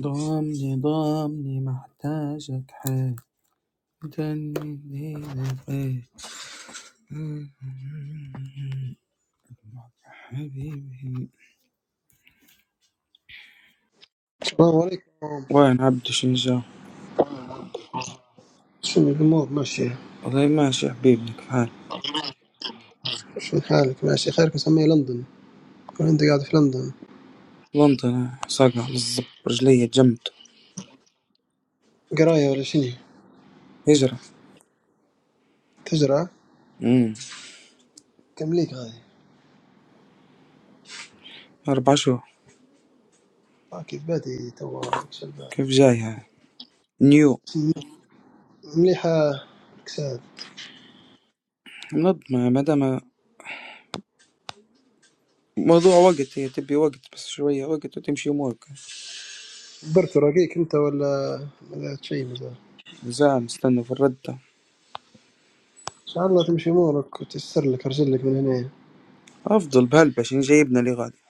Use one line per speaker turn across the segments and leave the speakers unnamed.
ضامني ضامني محتاجك حالا ليلك حبيبي
السلام عليكم
وين عبد شنجا
شنو الأمور ماشية؟
والله ماشي حبيبنا كيف حال
شنو حالك ماشي خيرك مسمية لندن ولا أنت قاعد في لندن؟
لندن صقع بالضب رجلية جمد
قراية ولا شنو؟
هجرة
تزرع؟
امم
كم ليك هذه؟
أربع شهور
آه كيف بادي توا شلبة
كيف جايها نيو
مليحة كساد
منظمة مادام موضوع وقت هي تبي وقت بس شوية وقت وتمشي أمورك
برت راقيك أنت ولا ولا شيء مازال؟
زعل نستنى في الردة
إن شاء الله تمشي أمورك وتيسر لك أرسل لك من هنا
أفضل بهلبة شين جايبنا لي غادي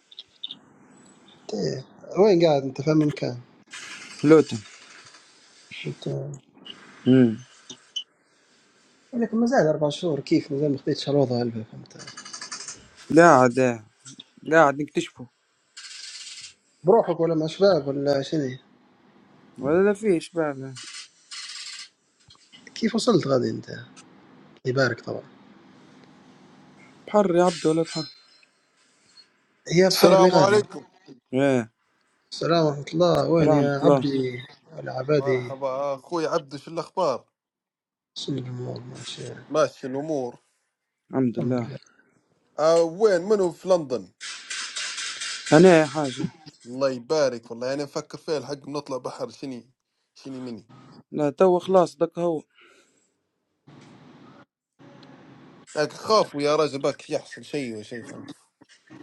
إيه. وين قاعد أنت في أما مكان؟
لوتن
أنت
امم
لك مازال أربع شهور كيف مازال ما خديتش الوضع هلبة فهمت؟
قاعد قاعد نكتشفه
بروحك ولا مع شباب ولا شنو؟
ولا لا فيش بعد
كيف وصلت غادي أنت؟ الله يبارك طبعا
بحر يا عبد ولا بحر
يا بحر لي
السلام
غادي
عليكم
ايه
السلام ورحمة الله وين
الحمد
يا
لله
عبدي العبادي
مرحبا اخوي عبدو شو الاخبار
شنو الأمور ماشي
ماشي الامور
الحمد
الحمد
لله
لله
آه وين منو في لندن
هنا يا حاجة
الله يبارك والله يعني نفكر فيه الحق بنطلع بحر شني شني مني
لا تو خلاص دك هو
لكن خافوا يا رجل باك يحصل شيء ولا شيء فهمت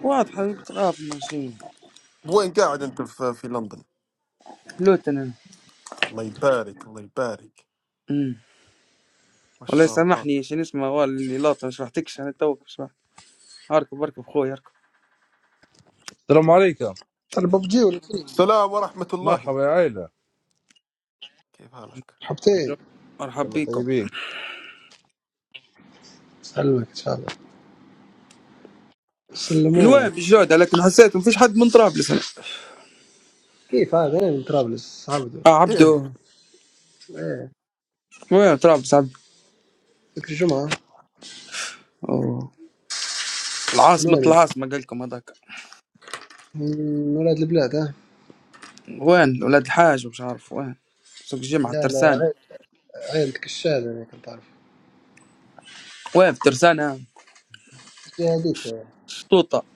واضحة بتخاف ماشي
وين قاعد انت في, في لندن
لوت انا
الله يبارك الله يبارك
أمم.
ما
والله
شاء الله
يسامحني شي نسمع وال اللي لاطة ما شرحتكش انا توك شرحت اركب اركب خويا اركب
Assalamualaikum.
الببجي ولا كيف
السلام ورحمة الله
Maḥbūr aʿīla.
كيف حالك
Jumma
حبتين
مرحب
Allāh
بيكم
tayyibī.
سلمك إن شاء الله
من وين
سلموه
بالجودة لكن حسيت ما فيش حد من طرابلس هنا
كيف هذا أنا من طرابلس عبده
اه
كيف
عبدو
إيه
وين طرابلس عبدو
سكر الجمعة
أوه.
من
العاصمة
وين
العاصمة قال لكم هذاك
من ولاد البلاد ها
وين ولاد الحاج ومش عارف وين سوق الجمعة
لا لا
الترسانة
عيل- عيلتك الشاذة أنا كنت أعرف
وين في ترسانة
الجهة هذيك
شطوطة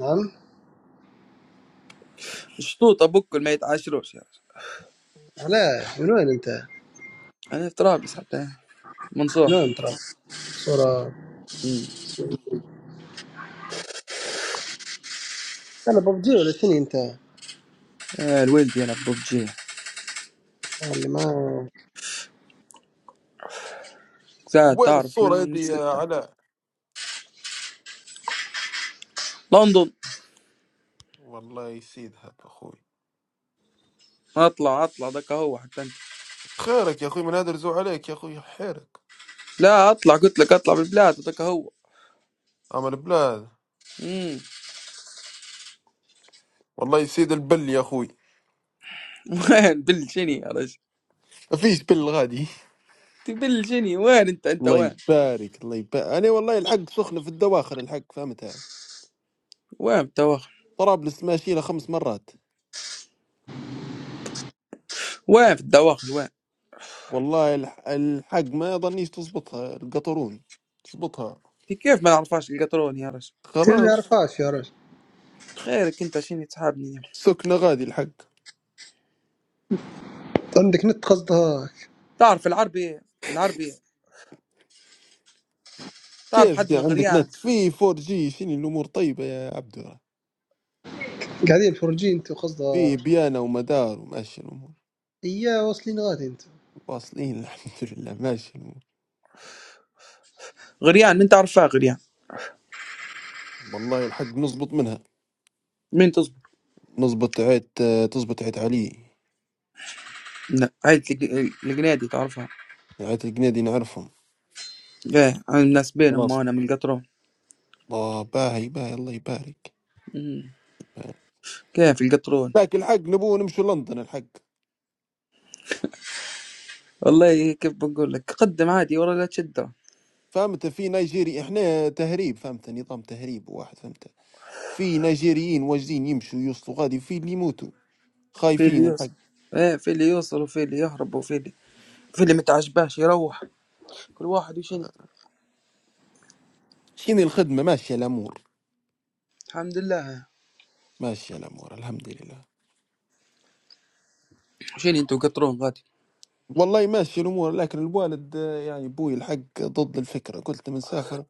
نعم
شطوطة بكل ما يتعاشروش يا رجل
علاه من وين أنت
أنا في طرابلس حتى منصور
من وين طرابلس صورة
مم.
أنا ببجي ولا شنو أنت
آه الولد يلعب ببجي
اللي ما
ساعة
وين
تعرف
الصورة هذه
من
يا
ستة
علاء
لندن
والله يسيدها يا اخوي
أطلع أطلع دك هو حتى أنت
خيرك يا اخوي من هذا الرزوع عليك يا اخوي حيرك
لا أطلع قلت لك أطلع بالبلاد دك هو
اما البلاد
مم.
والله يسيد البل يا اخوي
وين بالجني يا رجل
ما فيش بل غادي
أنت بالجني وين أنت أنت
الله
وين
يبارك الله يبارك انا والله الحق سخنه في الدواخر الحق فهمتها
وين في الدواخل
طرابلس ماشي لها خمس مرات
وين في الدواخل وين
والله الح- الحق ما ظنيش تزبطها القطرون تزبطها
أنت كيف ما نعرفهاش القطرون يا رجل
ما
خلاص
يعرفهاش يا رجل
خيرك أنت شنو تسحبني
سكنه غادي الحق
عندك نت قصدها
تعرف العربي العربي تعرف
كيف
حد
دي
من
عندك
غريان
نت في 4 جي شنو الامور طيبه يا عبدو
قاعدين فرجي انت وقصدها
في بيانه ومدار وماشي الامور
اياه واصلين غادي انت
واصلين الحمد لله ماشي الامور
غريان من تعرفها غريان
والله الحق نزبط منها
مين تصبح
نزبط عيت تزبط عيت علي
لا عايز لج- لجنادي تعرفها
نهاية الجنيه دي نعرفهم
ايه عن الناس بينهم
خلاص
وانا من القطرون
الله باهي باهي الله يبارك
مم.
باهي.
كيف القطرون
لكن الحق نبوه نمشي لندن الحق
والله كيف بقول لك قدم عادي ولا لا تشده
فهمت في نيجيري احنا تهريب فهمت نظام تهريب واحد فهمت في نيجيريين واجدين يمشوا يوصلوا غادي في اللي يموتوا
في اللي
خايفين الحق
يوصل ايه في اللي يوصل وفي اللي يهرب وفي اللي في اللي متعجباش يروح كل واحد وشني
شنو الخدمة ماشية الأمور
الحمد لله
ماشية الأمور الحمد لله
شني انتوا قطرون غادي
والله ماشية الأمور لكن الوالد آه، يعني بوي الحق ضد الفكرة قلت من سافر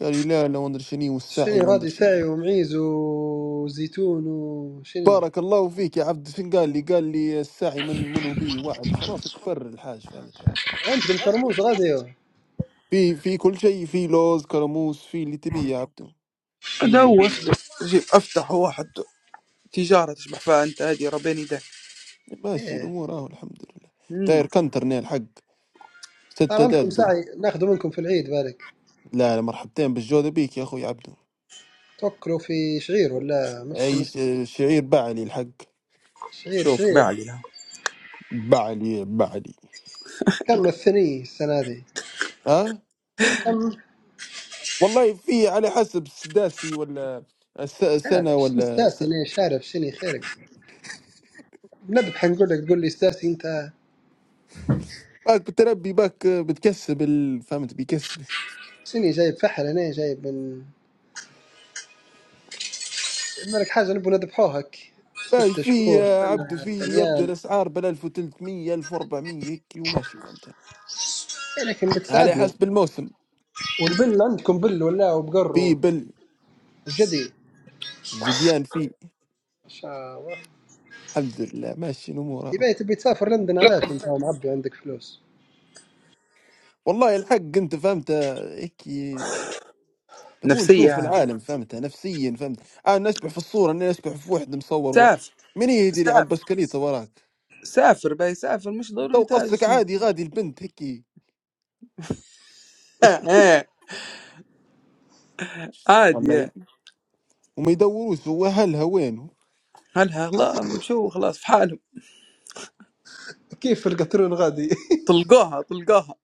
قال لي لا لا وندر شني
شني
والسعي وندر
غادي
شني
ساعي ومعيز وزيتون وشني
بارك الله فيك يا عبد فين قال لي قال لي السعي من منو بي وعد خلاص كبر الحاج فهمت أنا.
عندكم كرموز غادي هو.
في في كل شيء في لوز كرموس في اللي تبيه يا عبدو في
ادور جيب افتح واحد تجارة تشبح فيها انت هذه ربيني ده
ماشي
ايه
الامور اهو الحمد لله
مم.
داير كنتر نيل حق
صار
ستة
عندكم
دادو
ساعي ناخذوا منكم في العيد بالك
لا لا مرحبتين بالجودة بيك يا اخوي عبدو
توكلوا في شعير ولا مش
اي ش-
نسمع
شعير بعلي الحق
شعير
شوف
شعير
بعلي لها
بعلي بعلي
كم الثني السنة هذه
ها
كم
والله في على حسب السداسي ولا الس-
لا
السنة
لا شنو
ولا س-
استاسي انا شارب شني خيرك نذبح نقول لك تقول لي استاسي انت
باك بتربي باك بتكسب ال- فهمت بيكسب
شني جايب فحل انا جايب من بالك حاجه نبغى نذبحوهك
باي
ستة
في
شهور
يا عبدو
سنه
في اللي يبدا
ثنيان
الاسعار بال 1300 1400 هيك وماشي فهمت
إيه لكن
على
بتساعدنا
حسب الموسم
والبل عندكم بل ولا
في
وبقروا وجدي
بالجديان في
ان شاء الله
الحمد لله ماشي الامور أهو.
تبي تبي تسافر لندن علاش وانت معبي عندك فلوس
والله الحق انت فهمت هيك نبون نشوف
نفسية
العالم فهمت نفسيا فهمت انا نشبح في الصوره انا نشبح في واحد مصور و...
سافر
من يدري على
سافر
البسكليته وراك
سافر باي سافر مش
تو
ضروري
قصدك
تاجر
عادي غادي البنت هيك
عادي
والله
يعني
وما يدوروش هو اهلها وين
هلها لا مشوا خلاص في حالهم
كيف في القطرون غادي
طلقوها طلقوها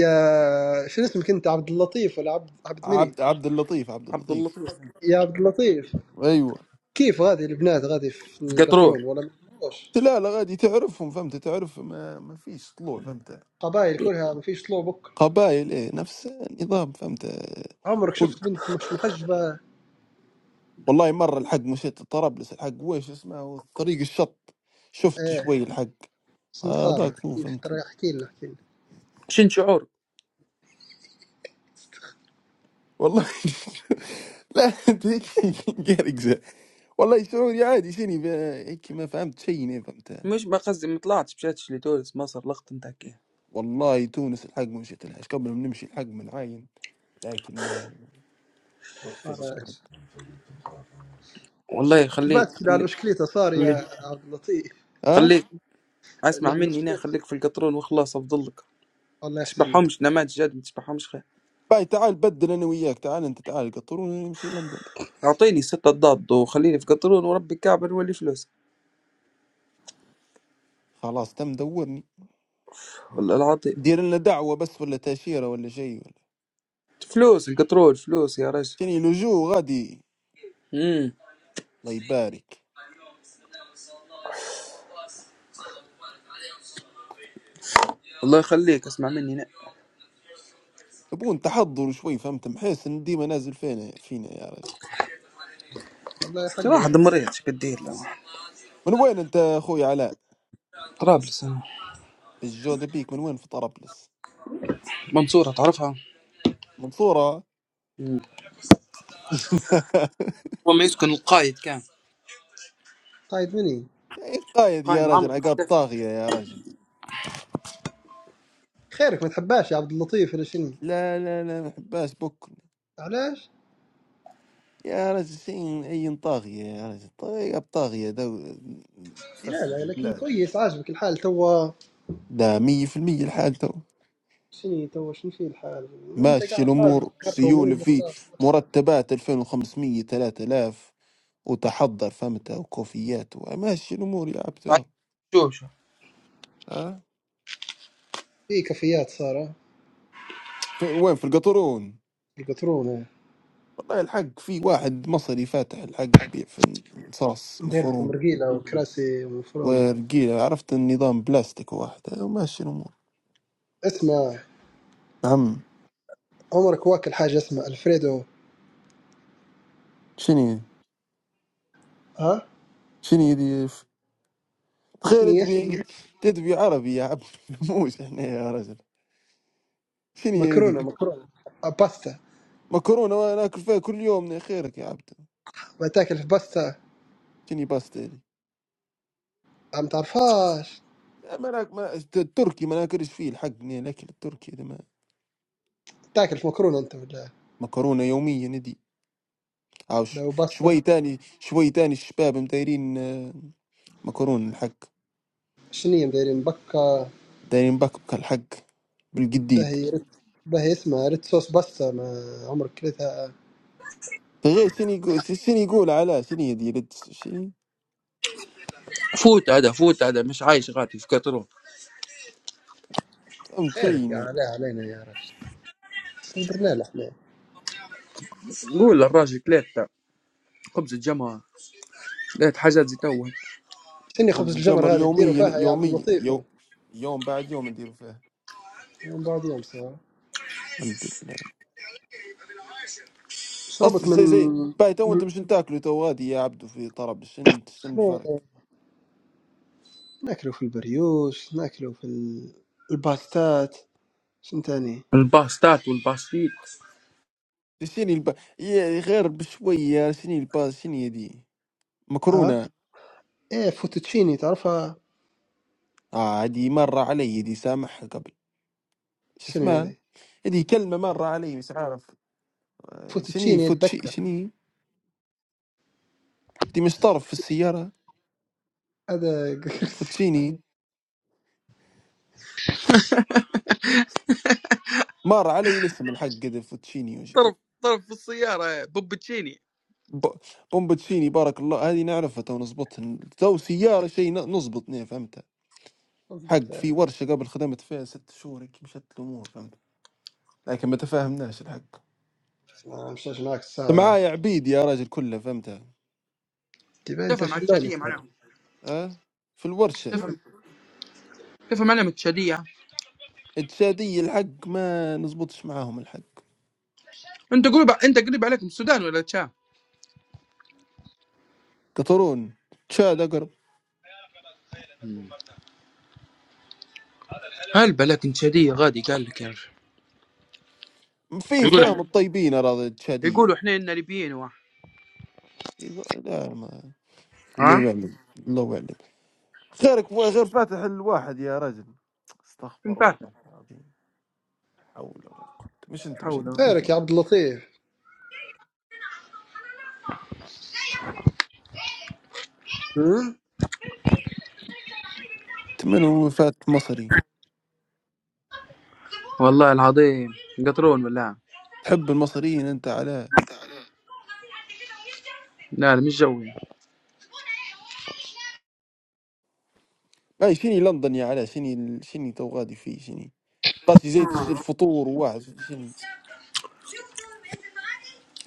يا شو اسمك انت عبد اللطيف ولا عبد عبد مني
عبد عبد اللطيف عبد
عبد
اللطيف
اللطيف
يا عبد اللطيف
ايوه
كيف غادي البنات غادي في
في قطرون
القطرون ولا مش
لا لا غادي تعرفهم فهمت تعرف ما, ما فيش طلوع فهمت
قبائل كلها ما فيش طلوع بكر
قبائل ايه نفس النظام فهمت
عمرك
كل
شفت بنت مش محجبه
والله مرة الحق مشيت طرابلس الحق واش اسمه طريق الشط شفت
ايه
شوي الحق
سمسارة
هذاك هو
كيف
فهمت
ترى احكي لنا احكي لنا
شن شعور
والله لا انت هيك قارق والله شعوري عادي شني ب- هيك ما فهمت شيء أنا فهمت
مش ما قصدي ما طلعتش مشيتش لتونس مصر لقط نتاعك إياه.
والله تونس الحق ما مشيت لهاش قبل ما نمشي الحق من عاين لكن ما مشيتش
صار إيش؟
الحق
والله خليك
البات لان
خليك
مشكلته صار
خليك
يا عبد اللطيف
آه
خليك اسمع
لان
مني هنا
مشكلته
خليك في القطرون وخلاص افضل لك
الله يحسن لك
تشبحهمش نماذج جد ما تشبحهمش خير
باي تعال بدل انا وياك تعال انت تعال القطر وانا نمشي لندن
اعطيني ستة ضاد وخليني في قطرون وربي كعبة نولي فلوس
خلاص تم دورني
والله العظيم
دير لنا دعوه بس ولا تاشيره ولا شيء ولا
فلوس القطرون فلوس يا رجل
شتني لجوء غادي
امم
الله يبارك
الله يخليك اسمع مني هنا
نبون تحضر شوي فهمت محس ان ديما نازل فينا فينا يا رجل
والله حقه يا
واحد
حبيبي
مريض شو بتدير له
من وين انت يا اخوي علاء
طرابلس أنا.
الجودة بيك من وين في طرابلس
منصورة تعرفها
منصورة
هو ما يسكن القايد كان
قايد مني
إيه قايد
قايد
يا
معمر
رجل عقاب
القذافي
طاغية يا رجل
خيرك ما تحباش يا عبد اللطيف ولا شنو
لا لا لا ما حباش بكل
علاش؟
يا رجل شيء اي طاغية يا رجل طيب طاغية دو
لا
فسد
لا لكن
البلاد
كويس عاجبك الحال توا
لا مية في المية الحال تو
شنو توا شنو في الحال انت
ماشي
قاعد غادي
الأمور
تكرم
سيولة
إيه،
في
وخلاص نفسه
مرتبات 2500 3000 وتحضر فهمت وكوفيات وماشي الأمور يا عبد الله.
عايش- شو شو
أه؟
في كافيات صار
في وين في القطرون
البترونة
والله الحق في واحد مصري فاتح الحق بيع في صاص
ندير لكم
مفروم
رجيلة وكراسي ومفرومة
ورقيلة عرفت النظام بلاستيك واحد أه، وماشي الأمور
اسمع
عم
عمرك واكل حاجة اسمها الفريدو
شنو
ها
شنو يدي
شنو
تخيل
هي؟
تبي تدبي عربي يا عبد موش احنا يا رجل شنو يدي
مكرونة مكرونة باستا
مكرونه وانا اكل فيها كل يوم يا خيرك يا عبد
بتاكل في باستا
شني باستا هذي
ما تعرفهاش
لا ما ناك ما التركي ما ناكلش فيه الحق ني الاكل التركي هذا ما
تاكل في مكرونه انت ولا
مكرونه يوميا ندي عاو ش-
وباستا
شوي تاني شوي تاني الشباب مدايرين آه، مكرونه الحق
شنية مدايرين بكا
دايرين بكبك الحق بالجديد
باهي رت باهي اسمها ريت صوص باستا ما عمرك كليتها
غير شنو يقول شنو يقول على شنو يدير شنو
فوت هذا فوت هذا مش عايش غادي في قطرون
فهمت
خيرك يا
شيء
عليها علينا يا رجل شو درنا له احنا
قول للراجل كليت خبز الجمعة لقيت حاجات زي توا
شني خبز
خبز الجمر
الجمر هذه تديروا
يوميا
فيها يا عبد
يوميا
اللطيف
يو يوم بعد يوم ندير فيه
يوم بعد يوم صار
الحمد لله. قصدي
شربك من
زي زي باي تو
من
انتم شن تاكلوا تو غادي يا عبدو في طرب شن شن
احنا
الفرق
ناكلوا في البريوش ناكلوا في ال- الباستات شنو تاني
الباستات والباستيت
شني الب... يا- غير بشويه شني الباس شني دي
اه
مكرونه
ايه فوتوتشيني تعرفها
اه هذه مره علي دي سامحها قبل شو
شنو
اسمها
هذه
هذه كلمه مره علي مش عارف آه، شني
فوتوتشيني
فوتشي
اتذكر
شني هذه مش طرف في السياره
هذا
فوتشيني مر علي الاسم الحق كذا فوتشيني وش
ضرب
اسمه
ضرب في السيارة بوبتشيني
ب- بومبتشيني بارك الله هذه نعرفها تو نظبط تو سياره شيء ن- نظبط نيه فهمتها
أضبط
حق في
يعني
ورشه قبل خدمت فيها ست شهور هيك مشت الامور فهمت لكن ما تفاهمناش الحق
ما مشاش معك السعر
معايا عبيد يا راجل كله فهمت
تبا أنت
تفهم على التشادية
شلونك يعني
معناهم
أه؟ في الورشه
شلونك
تفهم تفهم علم التشادية
التشاديه الحق ما نزبطش معاهم الحق
انت قريب انت قريب عليكم السودان ولا تشا
قطرون تشاد اقرب
هل بالك إن تشادية غادي قال لك يا رجل.
في فهم
يقولوا
الطيبين اراضي التشاديه
يقولوا احنا ليبيين واحد
لا ما الله
ها
يعلم الله يعلم خيرك و- غير فاتح الواحد يا رجل
فين
استغفر الله
فاتح
العظيم لا حول ولا قوه مش انت مش
حول
انت إيه
بخيرك
كده.
يا عبد اللطيف هم؟
انت من هو فات مصري
والله العظيم قطرون ولا
تحب المصريين انت علاه
لا لا مش جوي
اي شني لندن يا علاء شني ال- شني تو غادي فيه شني قصدي زي تش- الفطور وواحد شني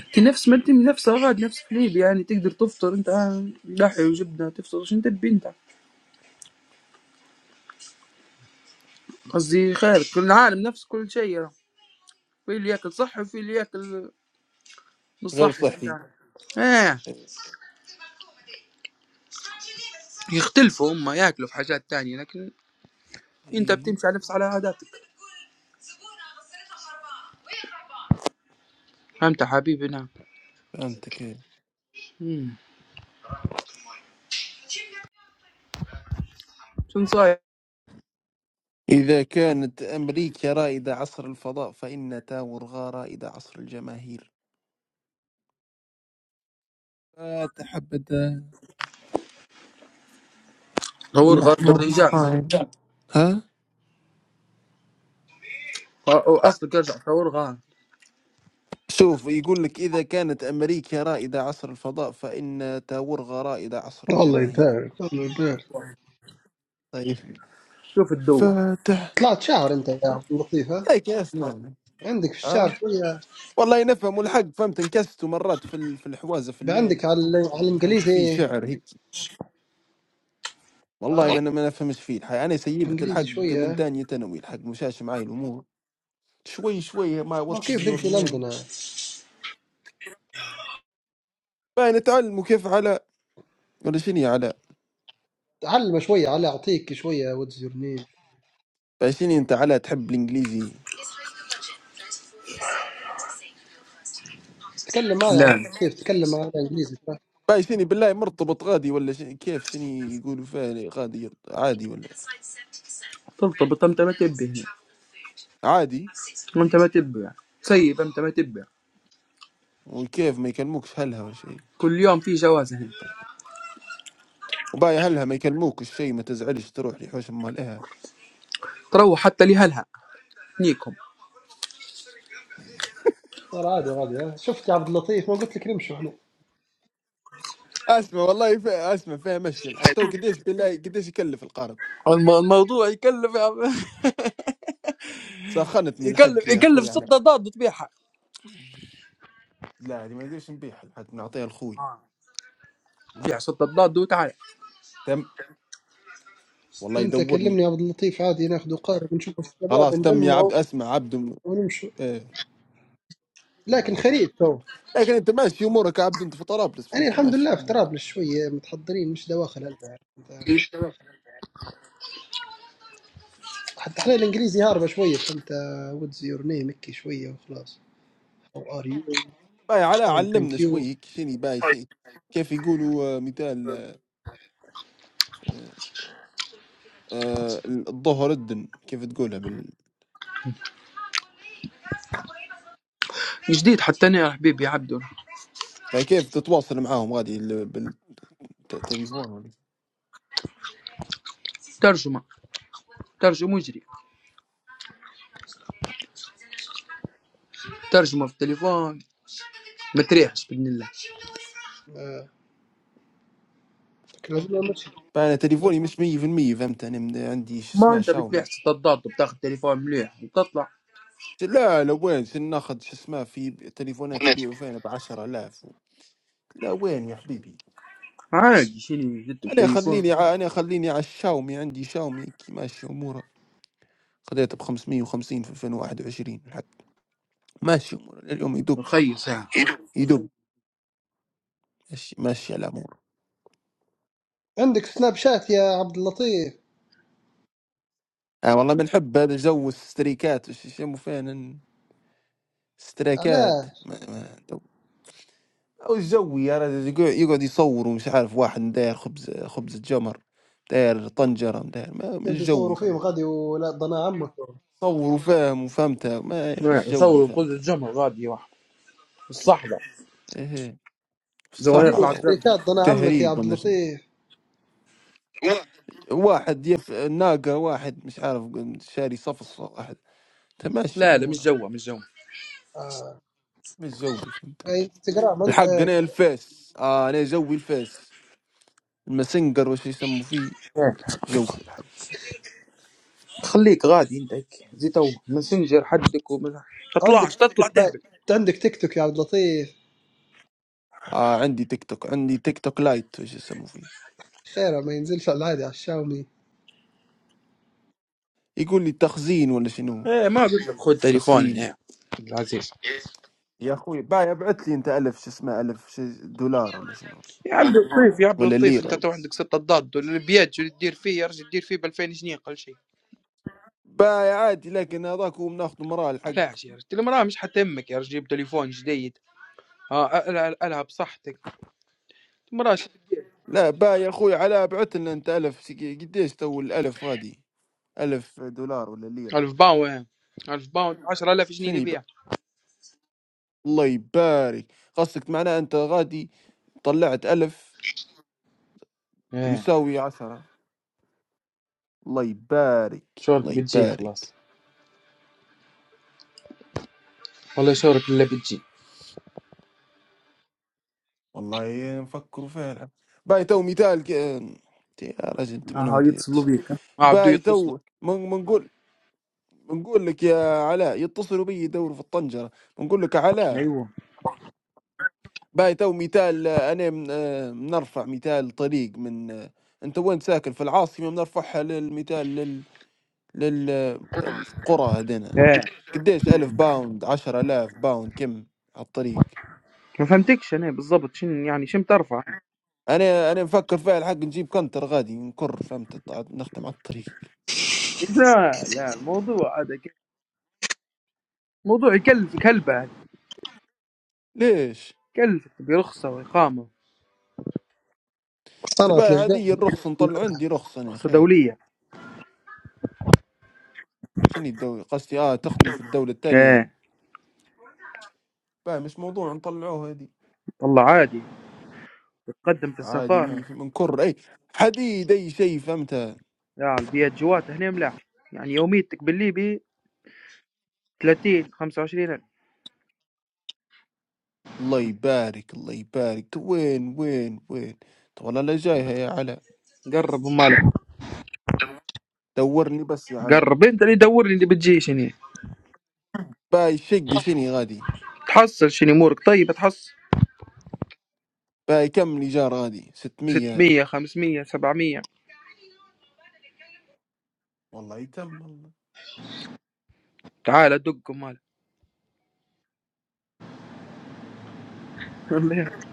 انت نفس ما انت نفس غاد نفس حليب يعني تقدر تفطر انت آه، لحي وجبنه تفطر شنو تبي انت قصدي خير كل العالم نفس كل شيء يعني. في اللي ياكل صحي وفي اللي ياكل مش
غير
صحي فهمت
صحي
يعني؟ ايه يختلفوا هم ياكلوا في حاجات تانية لكن انت
إي
بتمشي على نفس على عاداتك فهمت حبيبي نعم
فهمتك إي.
مم. شنو صاير
إذا كانت أمريكا رائدة عصر الفضاء فإن تاورغا رائدة عصر الجماهير آه، تحبذ
ثور غار
يرحمهم
بالرجال
القائل ها؟
اصلك ارجع ثور غار
شوف يقول لك إذا كانت أمريكا رائدة عصر الفضاء فإن تاورغا رائدة عصر
والله
الجماهير
يبارك والله يبارك
طيب
شوف الدول
فاتح
طلعت شهر أنت يا عبد اللطيف ها
لك يا اسمعني
عندك في الشعر شوية
والله نفهم والحق فهمت انكست مرات في ال- في الحوازه في الليل
عندك على ال- على
فهمت في
الإنجليزي
شعر هيك والله
آه،
ما انا ما نفهمش فيه الحق انا سيبت
إنجليزي
الحق من
شوية
تانية ثانوي الحق مشاش معي الامور شوي شوي ما
ما
وات
كيف
يور
تمشي لندن
نيم
يعني.
باي نتعلموا كيف على ولا شنو يا علاء
تعلم شوية على أعطيك شوية واتز يور نيم
باي شنو انت علاء تحب الانجليزي
تكلم معي يا عبد
لا
اللطيف تكلم معي إنجليزي
باي شنو بالله مرتبط غادي ولا شنو كيف شنو يقولوا فيه غادي يرت- عادي ولا
تلتبط أنت ما تبي
عادي
هنا أنت ما تبي تسيب أنت ما تبي
وكيف ما يكلموكش هلها ولا شيء
كل يوم في جواز هنا
وباي هلها ما يكلموك الشيء ما تزعلش تروح لحوش امال إيه.
تروح حتى لهلها نيكم
صار عادي عادي ها شفت يا عبد اللطيف ما قلت لك نمشوا احنا
اسمع والله ف... اسمع فيها مشي الحي تو قديش بالله قديش يكلف القرض
الم- الموضوع يكلف يا عم
سخنتني الحق
يكلف
يا اخوي
يكلف ست
يعني
ضاد وتبيعها
لا هذه ما نقدرش نبيعها لحد نعطيها لخوي
بيع ستة ضاد وتعال
تم والله
انت كلمني
يدورني
يا عبد اللطيف عادي ناخذ قارب نشوف الشباب
خلاص تم يا عبد
نجمعه
اسمع عبد م...
ونمشي
ايه
لكن
والله تم
خريب تو
لكن انت ماشي امورك يا عبد انت في طرابلس
انا
فهمت
الحمد
ماشي
لله في
الامور
طرابلس
هذه
شويه متحضرين مش دواخل انت عارف انت حتى احنا الانجليزي هاربه شويه فهمت واتز يور نيم هيك شويه وخلاص او ار يو
باي على
فاين
علمنا
ثانك
شوي
يو
هيك شني باي شيء كيف يقولوا آه، مثال آه، آه، الظهر الدن كيف تقولها بال...
جديد حتى أنا يا حبيبي يا عبدو
باي كيف تتواصل معاهم غادي ال- بالتليفون ولا
ترجمة ترجمة مجري ترجمة في التليفون ما تريحش بإذن الله
لكن لازم أمشي.
فانا تليفوني مش 100% فهمت انا من- عندي شو
ما
اسمه
أنت بتبيع
شاومي
ستة ضاد وبتاخذ تليفون مليح وتطلع
لا لا وين شن ناخذ شو اسمه في تليفونات يبيعوا فينا ب 10000 لا وين يا حبيبي
عادي شيل جبته
انا خليني
بتليفون
ع... انا خليني على الشاومي عندي شاومي كي ماشي اموره خذيته ب 550 في 2021 الحق ماشي اموره اليوم يدق
رخيص يعني
يدق ماشي ماشي على امور
عندك سناب شات يا عبد اللطيف
آه والله بنحب هذا جو الستريكات وش يسموا فين
علاش
ستريكات او الجو يا رجل يقع- يقعد يصور ومش عارف واحد داير خبز خبزة جمر داير طنجرة داير ما
يبدو
مش
يصوروا
جوي
فيهم
فهمتها
غادي ولا ضنا عمك
صور وفاهم وفهمتها ما
نعم،
مش جوي
يصور قوة
فهمتها
الجمر غادي واحد الصحبة
ايه في
زوانية
يديروا
طلعت
الصحراء
زردة
اشتراكات ضنا عمك يا
وتهريب
عبد
وما أدري شنو.
اللطيف
واحد يف ناقة واحد مش عارف شاري صفصفة واحد تمشي
لا لا مش
الامور
جوا مش جوا
آه.
مش جوي فهمت
انستغرام
الحق انا
عندك
الفيس اه انا جوي الفيس الماسنجر وش يسموا فيه
إيه.
جوي الحق
خليك غادي انت هيك زي تو ماسنجر حدك وما
عندك
تطلعش
تيك
تطلع
توك بعد
تهبل
عندك تيك توك يا عبد اللطيف
اه عندي تيك توك عندي تيك توك لايت وش يسموا فيه
خيره ما ينزلش على العادي على الشاومي
يقول لي تخزين ولا شنو
ايه ما قلت لك خذ تليفون
تخزين
ايه العزيز
يا اخوي باي ابعث لي انت الف شو اسمه الف شو دولار ولا شنو
يا عبد اللطيف يا عبد
ولا
اللطيف انت
ليره
تو عندك ستة ضد والبيات شو تدير فيه يا رجل تدير فيه ب 2000 جنيه قل شيء
باي عادي لكن هذاك هو بناخذ مراحل حق
علاش يا رجل المراه مش حتمك يا رجل جيب تليفون جديد اه أل- أل- العب صحتك المراه
لا باي يا اخوي على ابعث لنا انت الف سك- قديش تو الالف غادي الف دولار ولا ليره
1000
ولا
باوند 1000 باوند 10000 جنيه
شنو
اللي
يب...
بيها
الله يبارك قصدك معناه انت غادي طلعت الف
ايه
يساوي عشرة الله يبارك
شورت
الله
بتجي
يبارك
خلاص والله شورت ولا بتجي
والله نفكروا فعلا باي تو مثال كان يا رجل انت من
اه
ودي
يتصلوا
يتصل
بيك ها؟ اه بدو
باي
يتصلوا
تو من- منقول منقول لك يا علاء يتصلوا بي يدوروا في الطنجره منقول لك علاء
ايوه
باي تو مثال آه، انا من- آه، بنرفع مثال طريق من آه، انت وين ساكن في العاصمه بنرفعها للمثال لل للقرى هذينا
ايه
قديش ألف باوند عشرة آلاف باوند كم على الطريق
ما فهمتكش انا بالضبط شن يعني شن بترفع
انا انا مفكر فيها الحق نجيب كنتر غادي نكر فهمت نختم على الطريق
لا لا الموضوع هذا ك- موضوع يكلفك هلبة هذا
ليش؟
يكلفك برخصة وإقامة
تبقى
صنعت الاجداد
عادية الرخص
ما
نطلع
لها
عندي رخص أنا يا
رخصة
أخي
دولية
شني الدولة قصدي آه تخدم في الدولة الثانية
ايه
بقى مش موضوع نطلعوها هذي
والله عادي تقدم في
عادي مي في
السفارة
منكر أي حديد أي شيء فهمتها
يا البيت جوات هنا ملاح يعني يوميتك بالليبي 30 25 ألف
الله يبارك الله يبارك وين وين وين طول لا جايها يا علا
قرب مالك
دورني بس يا علا
قرب انت اللي دور لي اللي بتجي شني
باي شقة شني غادي
تحصل شني امورك طيبه تحصل
باي كم الإيجار غادي 600
600 500 700
والله يتم والله
تعال دقهم مال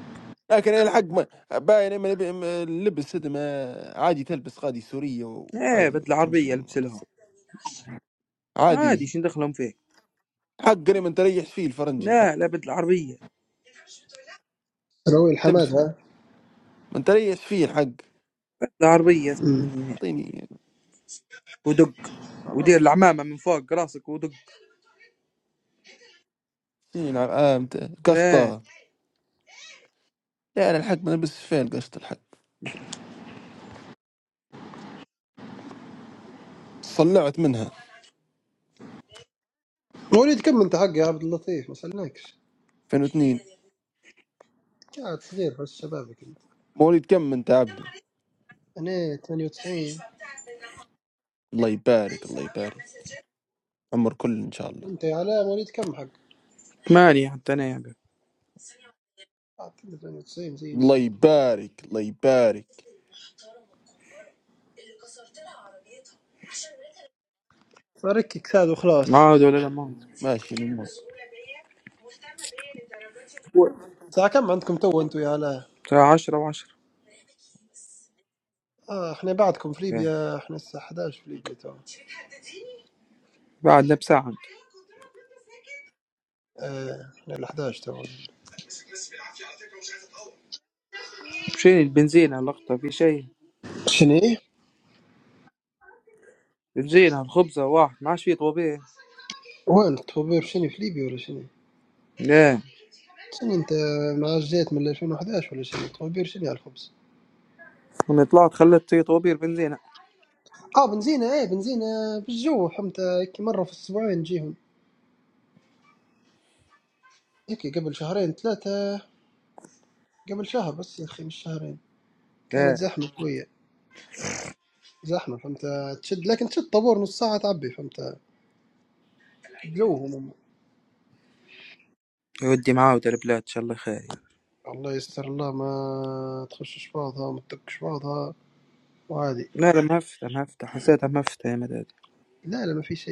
لكن الحق ما باين إما لب- إما اللبس هذا ما عادي تلبس قادي سورية
ايه
وعادي
بدل
تمشي
عربيه البس
الامور
لهم عادي
عادي
شنو دخلهم فيك
حق أنا من تريح فيه الفرنجي
لا
الحق
لا بدل عربيه
ثانوي الحماد
تمشي
ها
من تريح فيه الحق
بدل عربيه اسمع
أمم.
مني
اعطيني
ودق ودير
خلاص تم
العمامه من فوق راسك ودق
اعطيني الع- آه مت-
ايه
قشطة لا انا الحق ما لبس فيها القشطة الحق صلعت منها
وليد كم انت حق يا عبد اللطيف ما سالناكش
2002
قاعد صغير بس شبابك انت
مواليد كم انت عبده
انا 98
الله يبارك الله يبارك عمر كل ان شاء الله
انت يا علاء مواليد كم حق؟
ثمانية حتى انا يا حبيبي.
اعتقد 98
الله
زيني
يبارك الله يبارك
فركك هذا وخلاص
عاد ولا لا ما عاد.
ماشي
الساعة كم عندكم تو انتم يا علاء؟
الساعة عشرة وعشرة
اه احنا بعدكم في
ايه
ليبيا احنا الساعة 11 في ليبيا تو
بعدنا بساعة
اه احنا ال 11 تو
مشينا البنزينة اللقطة في شيء
شني؟
البنزينة الخبزة واحد ما عادش فيه طوبيه
وين الطوابير شني في ليبيا ولا شني؟
ايه
شني انت مع جيت من 2011 ولا شني؟ طوابير شني على الخبز؟
لما يطلعوا تخلت تيجي طوبير بنزينة
اه بنزينة ايه بنزينة بالجو حمتى هيك مرة في الاسبوعين نجيهم هيك قبل شهرين ثلاثة قبل شهر بس يا اخي مش شهرين كانت
ايه
زحمة شوية زحمة فهمت تشد لكن تشد طابور نص ساعة تعبي فهمت جوهم
يودي معاه ودربلات ان شاء الله خير يعني.
الله يستر الله ما تخشش بعضها وما تدقش بعضها وعادي
لا لما هفت لما هفت حسيت لما هفت يا مدد
لا لا ما في شيء